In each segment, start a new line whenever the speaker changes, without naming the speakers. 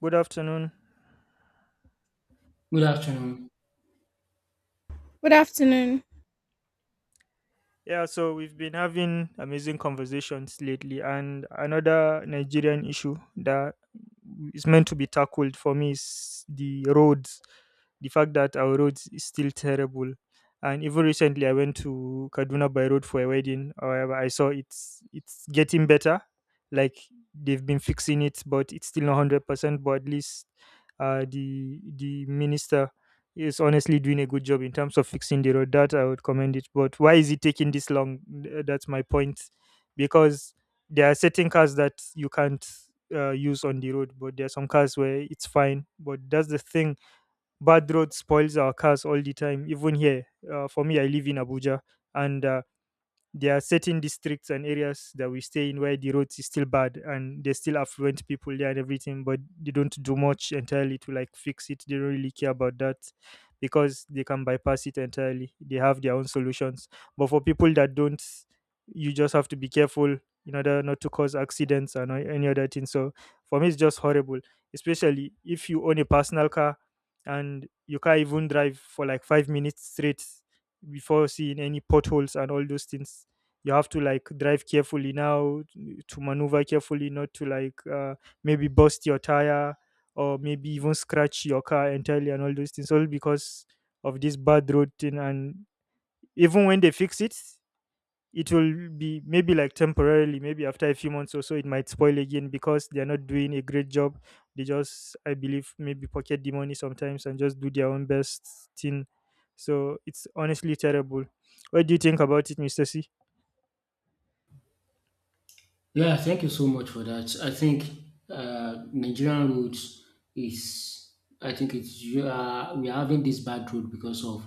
Good afternoon.
Good afternoon.
Good afternoon.
Yeah, so we've been having amazing conversations lately, and another Nigerian issue that is meant to be tackled for me is the roads. The fact that our roads is still terrible, and even recently I went to Kaduna by road for a wedding. However, I saw it's getting better, like they've been fixing it, but it's still not 100%. But at least the minister is honestly doing a good job in terms of fixing the road. That I would commend it. But why is it taking this long? That's my point. Because there are certain cars that you can't use on the road, but there are some cars where it's fine. But that's the thing. Bad road spoils our cars all the time. Even here, for me, I live in Abuja, and there are certain districts and areas that we stay in where the roads is still bad and there's still affluent people there and everything, but they don't do much entirely to like fix it. They don't really care about that because they can bypass it entirely. They have their own solutions. But for people that don't, you just have to be careful in order not to cause accidents and any other thing. So for me, it's just horrible, especially if you own a personal car and you can't even drive for like 5 minutes straight before seeing any potholes and all those things. You have to like drive carefully now to maneuver carefully, not to like maybe burst your tire or maybe even scratch your car entirely, and all those things all because of this bad road thing. And even when they fix it, it will be maybe like temporarily, maybe after a few months or so it might spoil again because they're not doing a great job. They just, I believe, maybe pocket the money sometimes and just do their own best thing. So it's honestly terrible. What do you think about it, Mr. C?
Yeah, thank you so much for that. I think Nigerian roads is, I think it's you are we are having this bad road because of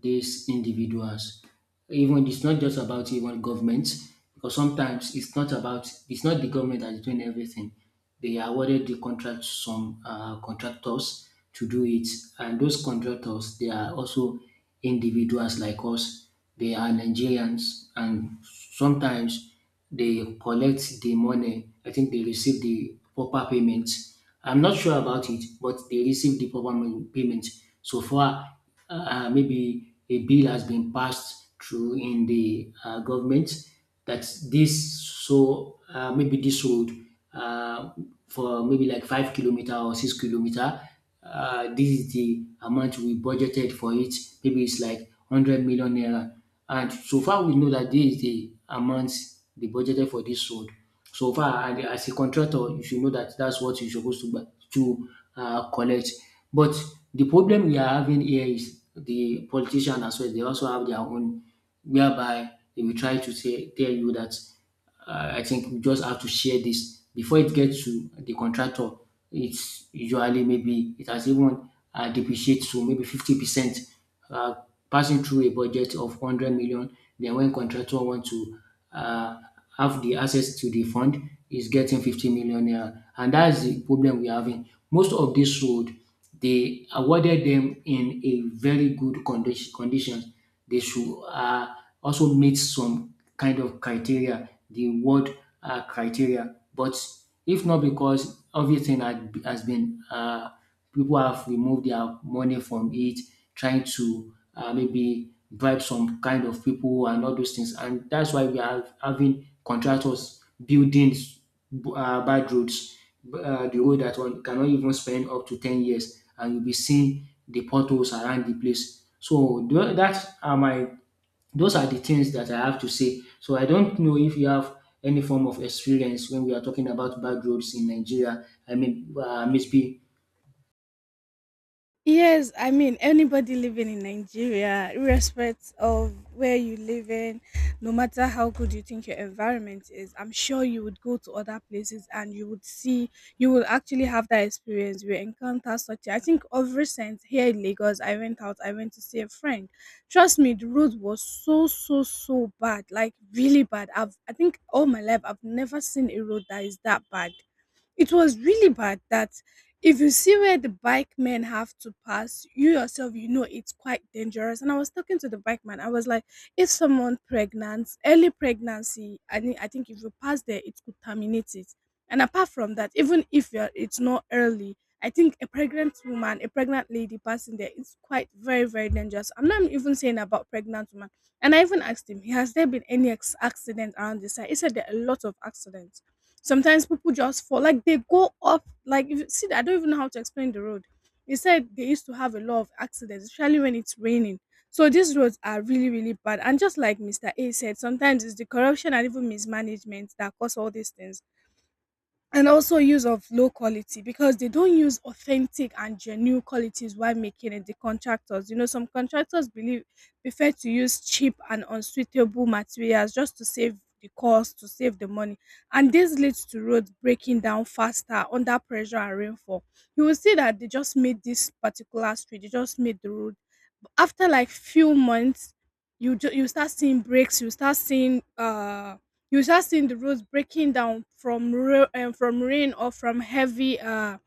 these individuals. Even it's not just about even government, because sometimes it's not the government that's doing everything. They awarded the contract to some contractors to do it, and those contractors, they are also individuals like us. They are Nigerians, and sometimes they collect the money. I think they receive the proper payment. I'm not sure about it, but they receive the proper payment. So far, maybe a bill has been passed through in the government that this so maybe this road, uh, for maybe like 5 kilometer or 6 kilometer, this is the amount we budgeted for it. Maybe it's like 100 million naira, and so far we know that this is the amount they budgeted for this road so far. And as a contractor, you should know that that's what you're supposed to collect. But the problem we are having here is the politician as well. They also have their own, whereby they will try to say tell you that, I think we just have to share this before it gets to the contractor. It's usually maybe it has even depreciated to maybe 50%, uh, passing through a budget of 100 million. Then when contractor want to uh, have the access to the fund, is getting 50 million naira, and that's the problem we're having. Most of this road, they awarded them in a very good conditions. They should also meet some kind of criteria, the word criteria. But if not, because everything has been people have removed their money from it, trying to maybe bribe some kind of people and all those things. And that's why we are having contractors building bad roads, the road that one cannot even spend up to 10 years, and you'll be seeing the potholes around the place. So tho- that are my those are the things that I have to say. So I don't know if you have any form of experience when we are talking about bad roads in Nigeria. I mean, maybe.
Yes, I mean anybody living in Nigeria, irrespective of where you live in, no matter how good you think your environment is, I'm sure you would go to other places and you would see, you will actually have that experience. You will encounter such. I think of recent here in Lagos, I went out, I went to see a friend. Trust me, the road was so so so bad, like really bad. I think all my life I've never seen a road that is that bad. It was really bad that if you see where the bike men have to pass, you yourself, you know it's quite dangerous. And I was talking to the bike man. I was like, if someone pregnant, early pregnancy, I think if you pass there, it could terminate it. And apart from that, even if you're, it's not early, I think a pregnant woman, a pregnant lady passing there is quite very, very dangerous. I'm not even saying about pregnant woman. And I even asked him, has there been accident around this side? He said there are a lot of accidents. Sometimes people just fall, like they go off. Like if you see, I don't even know how to explain the road. They said they used to have a lot of accidents, especially when it's raining. So these roads are really, really bad. And just like Mr. A said, sometimes it's the corruption and even mismanagement that cause all these things, and also use of low quality because they don't use authentic and genuine qualities while making it. The contractors, you know, some contractors believe, prefer to use cheap and unsuitable materials just to save the cost, to save the money. And this leads to roads breaking down faster under pressure and rainfall. You will see that they just made this particular street, they just made the road, after like few months you start seeing breaks, you start seeing the roads breaking down from from rain or from heavy,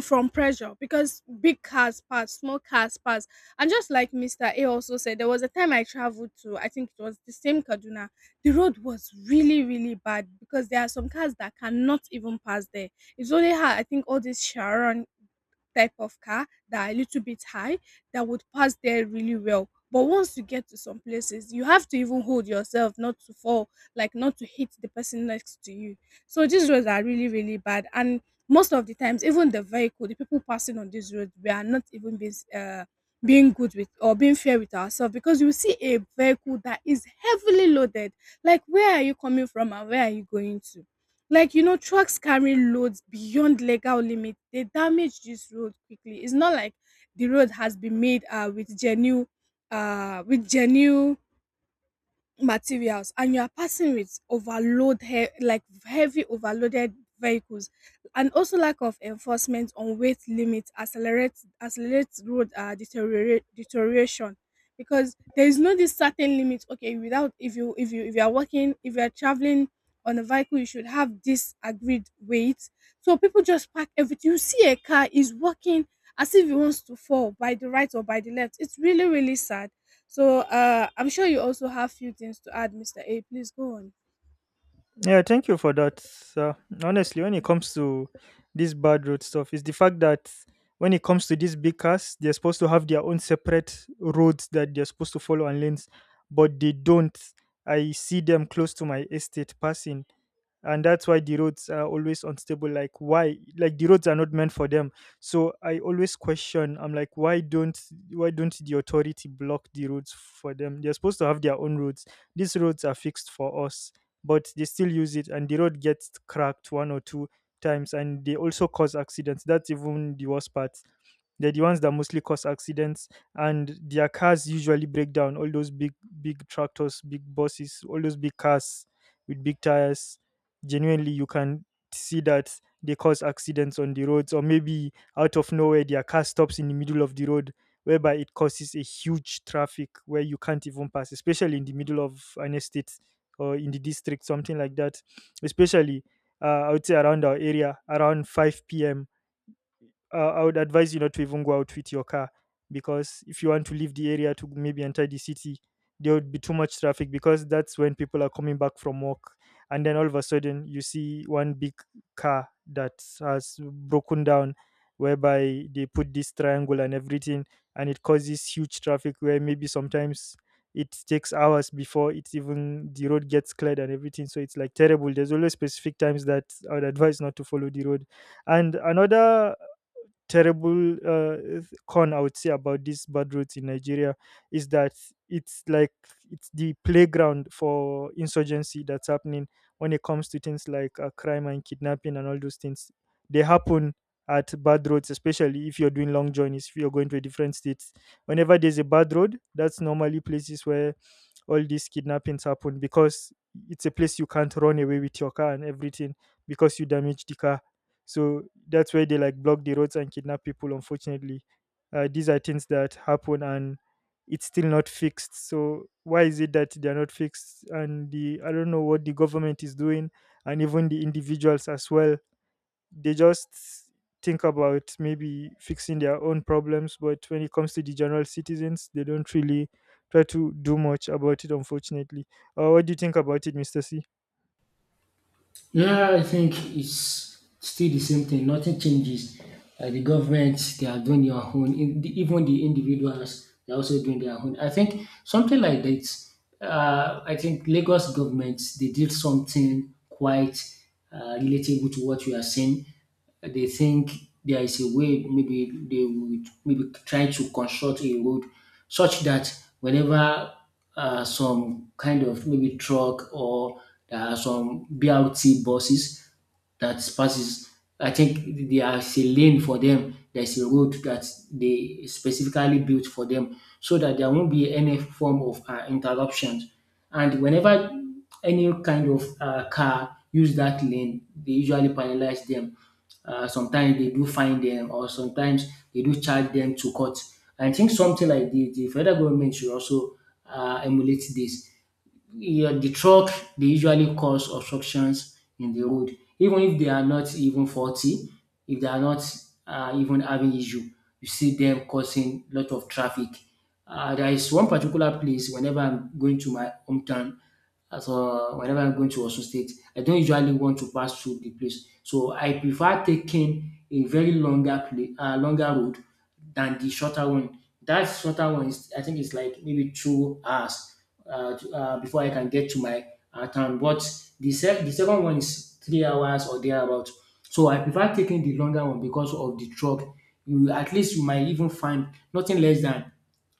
from pressure, because big cars pass, small cars pass. And just like Mr. A also said, there was a time I traveled to, I think it was the same Kaduna. The road was really, really bad because there are some cars that cannot even pass there. It's only how, I think, all these Sharon type of car that are a little bit high that would pass there really well. But once you get to some places, you have to even hold yourself not to fall, like not to hit the person next to you. So these roads are really, really bad. And most of the times, even the vehicle, the people passing on these roads, we are not even being, being good with or being fair with ourselves, because you see a vehicle that is heavily loaded. Like, where are you coming from and where are you going to? Like, you know, trucks carrying loads beyond legal limits, they damage this road quickly. It's not like the road has been made with genuine, with genuine materials, and you are passing with like heavy overloaded vehicles. And also lack of enforcement on weight limits accelerates road deterioration, because there is no this certain limit. Okay, without, if you are working, if you are traveling on a vehicle, you should have this agreed weight. So people just pack everything, you see a car is walking as if it wants to fall by the right or by the left. It's really, really sad. So I'm sure you also have few things to add, Mr. A. Please go on.
Yeah, thank you for that, sir. Honestly, when it comes to this bad road stuff, it's the fact that when it comes to these big cars, they're supposed to have their own separate roads that they're supposed to follow and lanes, but they don't. I see them close to my estate passing, and that's why the roads are always unstable. Like, why, like the roads are not meant for them, so I always question. I'm like, why don't, why don't the authority block the roads for them? They're supposed to have their own roads. These roads are fixed for us, but they still use it and the road gets cracked one or two times, and they also cause accidents. That's even the worst part. They're the ones that mostly cause accidents, and their cars usually break down, all those big big tractors, big buses, all those big cars with big tires. Genuinely, you can see that they cause accidents on the roads, or maybe out of nowhere their car stops in the middle of the road, whereby it causes a huge traffic where you can't even pass, especially in the middle of an estate or in the district, something like that. Especially I would say around our area around 5 p.m., I would advise you not to even go out with your car, because if you want to leave the area to maybe enter the city, there would be too much traffic because that's when people are coming back from work. And then all of a sudden, you see one big car that has broken down, whereby they put this triangle and everything, and it causes huge traffic where maybe sometimes it takes hours before it's even the road gets cleared and everything. So it's like terrible. There's always specific times that I would advise not to follow the road. And another terrible con I would say about these bad roads in Nigeria is that it's like it's the playground for insurgency that's happening when it comes to things like crime and kidnapping and all those things. They happen at bad roads, especially if you're doing long journeys, if you're going to a different state. Whenever there's a bad road, that's normally places where all these kidnappings happen because it's a place you can't run away with your car and everything, because you damage the car. So that's where they like block the roads and kidnap people, unfortunately. These are things that happen and it's still not fixed. So why is it that they're not fixed? And the I don't know what the government is doing, and even the individuals as well. They just think about maybe fixing their own problems, but when it comes to the general citizens, they don't really try to do much about it, unfortunately. What do you think about it, Mr. C?
Yeah, I think it's still the same thing. Nothing changes. The government, they are doing their own. Even the individuals, they're also doing their own. I think something like that. I think Lagos government, they did something quite relatable to what you are saying. They think there is a way maybe they would maybe try to construct a road such that whenever some kind of maybe truck, or there are some BRT buses that passes. I think there is a lane for them. There's a road that they specifically built for them, so that there won't be any form of interruptions. And whenever any kind of car use that lane, they usually penalize them. Sometimes they do fine them, or sometimes they do charge them to court. I think something like this, the federal government should also emulate this. Yeah, the truck, they usually cause obstructions in the road, even if they are not even faulty. If they are not even having issue, you see them causing lot of traffic. There is one particular place whenever I'm going to my hometown. So whenever I'm going to Osun State, I don't usually want to pass through the place. So I prefer taking a very longer longer road than the shorter one. That shorter one is, I think, it's like maybe 2 hours before I can get to my town. But the second one is 3 hours or thereabout. So I prefer taking the longer one because of the truck. You At least you might even find nothing less than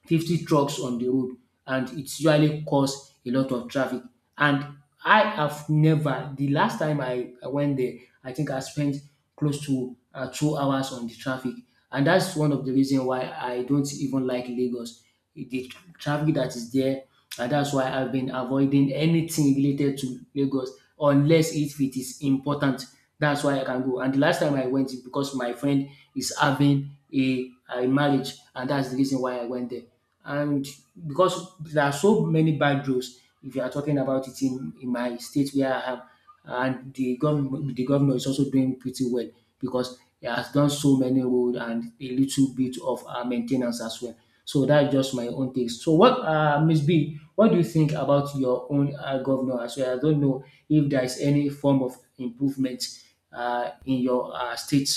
50 trucks on the road, and it usually cause a lot of traffic. And I have never, the last time I went there, I think I spent close to 2 hours on the traffic. And that's one of the reason why I don't even like Lagos. The traffic that is there, and that's why I've been avoiding anything related to Lagos unless if it is important. That's why I can go. And the last time I went is because my friend is having a marriage, and that's the reason why I went there. And because there are so many bad roads, if you are talking about it in my state where I am, and the government, the governor is also doing pretty well because he has done so many road and a little bit of maintenance as well. So that's just my own take. So what, Miss B, what do you think about your own governor as well? I don't know if there is any form of improvement in your state.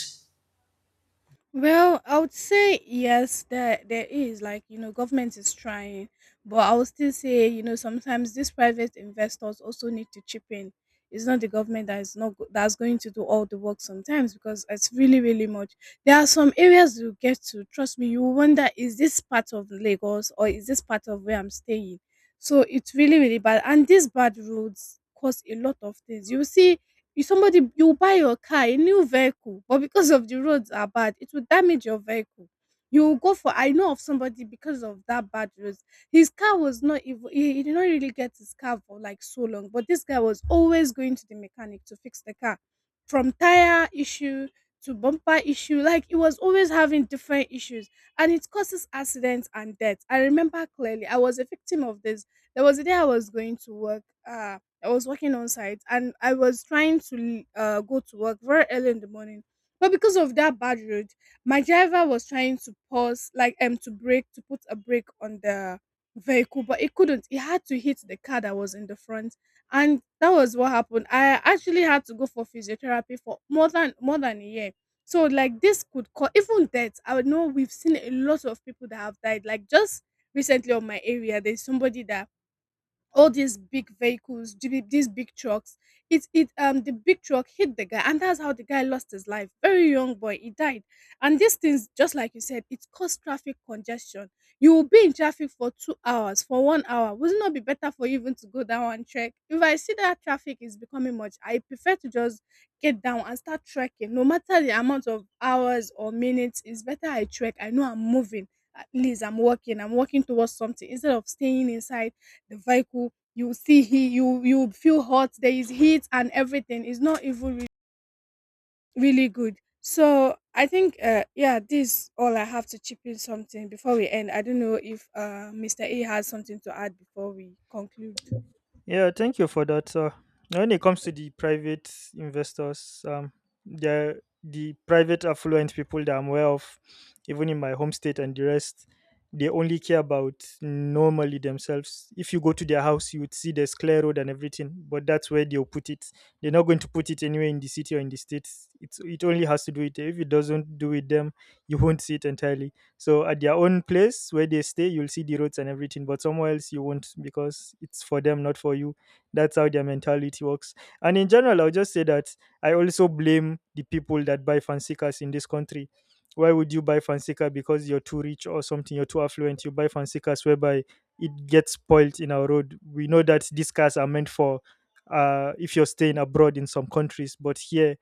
Well, I would say yes, there is, like, you know, government is trying, but I would still say, you know, sometimes these private investors also need to chip in. It's not the government that is not go- that's going to do all the work sometimes, because it's really really much. There are some areas you get to, trust me. You wonder, is this part of Lagos or is this part of where I'm staying? So it's really really bad, and these bad roads cause a lot of things. You see, You somebody, you buy your car, a new vehicle, but because of the roads are bad, it will damage your vehicle. You will go for, I know of somebody, because of that bad roads, his car was not even, he did not really get his car for like so long, but this guy was always going to the mechanic to fix the car. From tire issue to bumper issue, like he was always having different issues, and it causes accidents and death. I remember clearly I was a victim of this. There was a day I was going to work. I was working on site and I was trying to go to work very early in the morning. But because of that bad road, my driver was trying to pause, like to brake, to put a brake on the vehicle, but it couldn't. It had to hit the car that was in the front, and that was what happened. I actually had to go for physiotherapy for more than a year. So like this could cause even death. I know we've seen a lot of people that have died. Like just recently on my area, there's somebody that, all these big vehicles, the these big trucks. It The big truck hit the guy, and that's how the guy lost his life. Very young boy, he died. And these things, just like you said, it caused traffic congestion. You will be in traffic for 2 hours, for 1 hour. Would it not be better for you even to go down and trek? If I see that traffic is becoming much, I prefer to just get down and start trekking. No matter the amount of hours or minutes, it's better I trek. I know I'm moving. At least I'm walking. I'm walking towards something instead of staying inside the vehicle. You see, he you, you feel hot, there is heat and everything. It's not even re- really good. So I think, yeah, this all I have to chip in. Something before we end, I don't know if Mr. A has something to add before we conclude.
Yeah, thank you for that. When it comes to the private investors, they're the private affluent people that I'm aware of, even in my home state and the rest. They only care about normally themselves. If you go to their house, you would see the clear road and everything, but that's where they'll put it. They're not going to put it anywhere in the city or in the states. It only has to do it. If it doesn't do with them, you won't see it entirely. So at their own place where they stay, you'll see the roads and everything, but somewhere else you won't, because it's for them, not for you. That's how their mentality works. And in general, I'll just say that I also blame the people that buy fancy cars in this country. Why would you buy fancy car? Because you're too rich or something? You're too affluent. You buy fancy cars whereby it gets spoiled in our road. We know that these cars are meant for if you're staying abroad in some countries, but here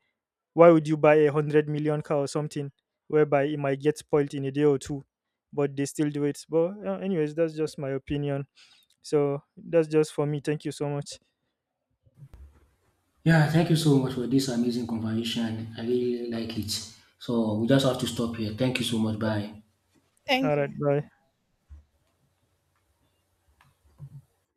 why would you buy 100 million car or something whereby it might get spoiled in a day or two, but they still do it? But, anyways, that's just my opinion. So that's just for me. Thank you so much.
Yeah, thank you so much for this amazing conversation. I really like it. So we just have to stop here. Thank you so much. Bye.
All
Thank
right,
you.
bye.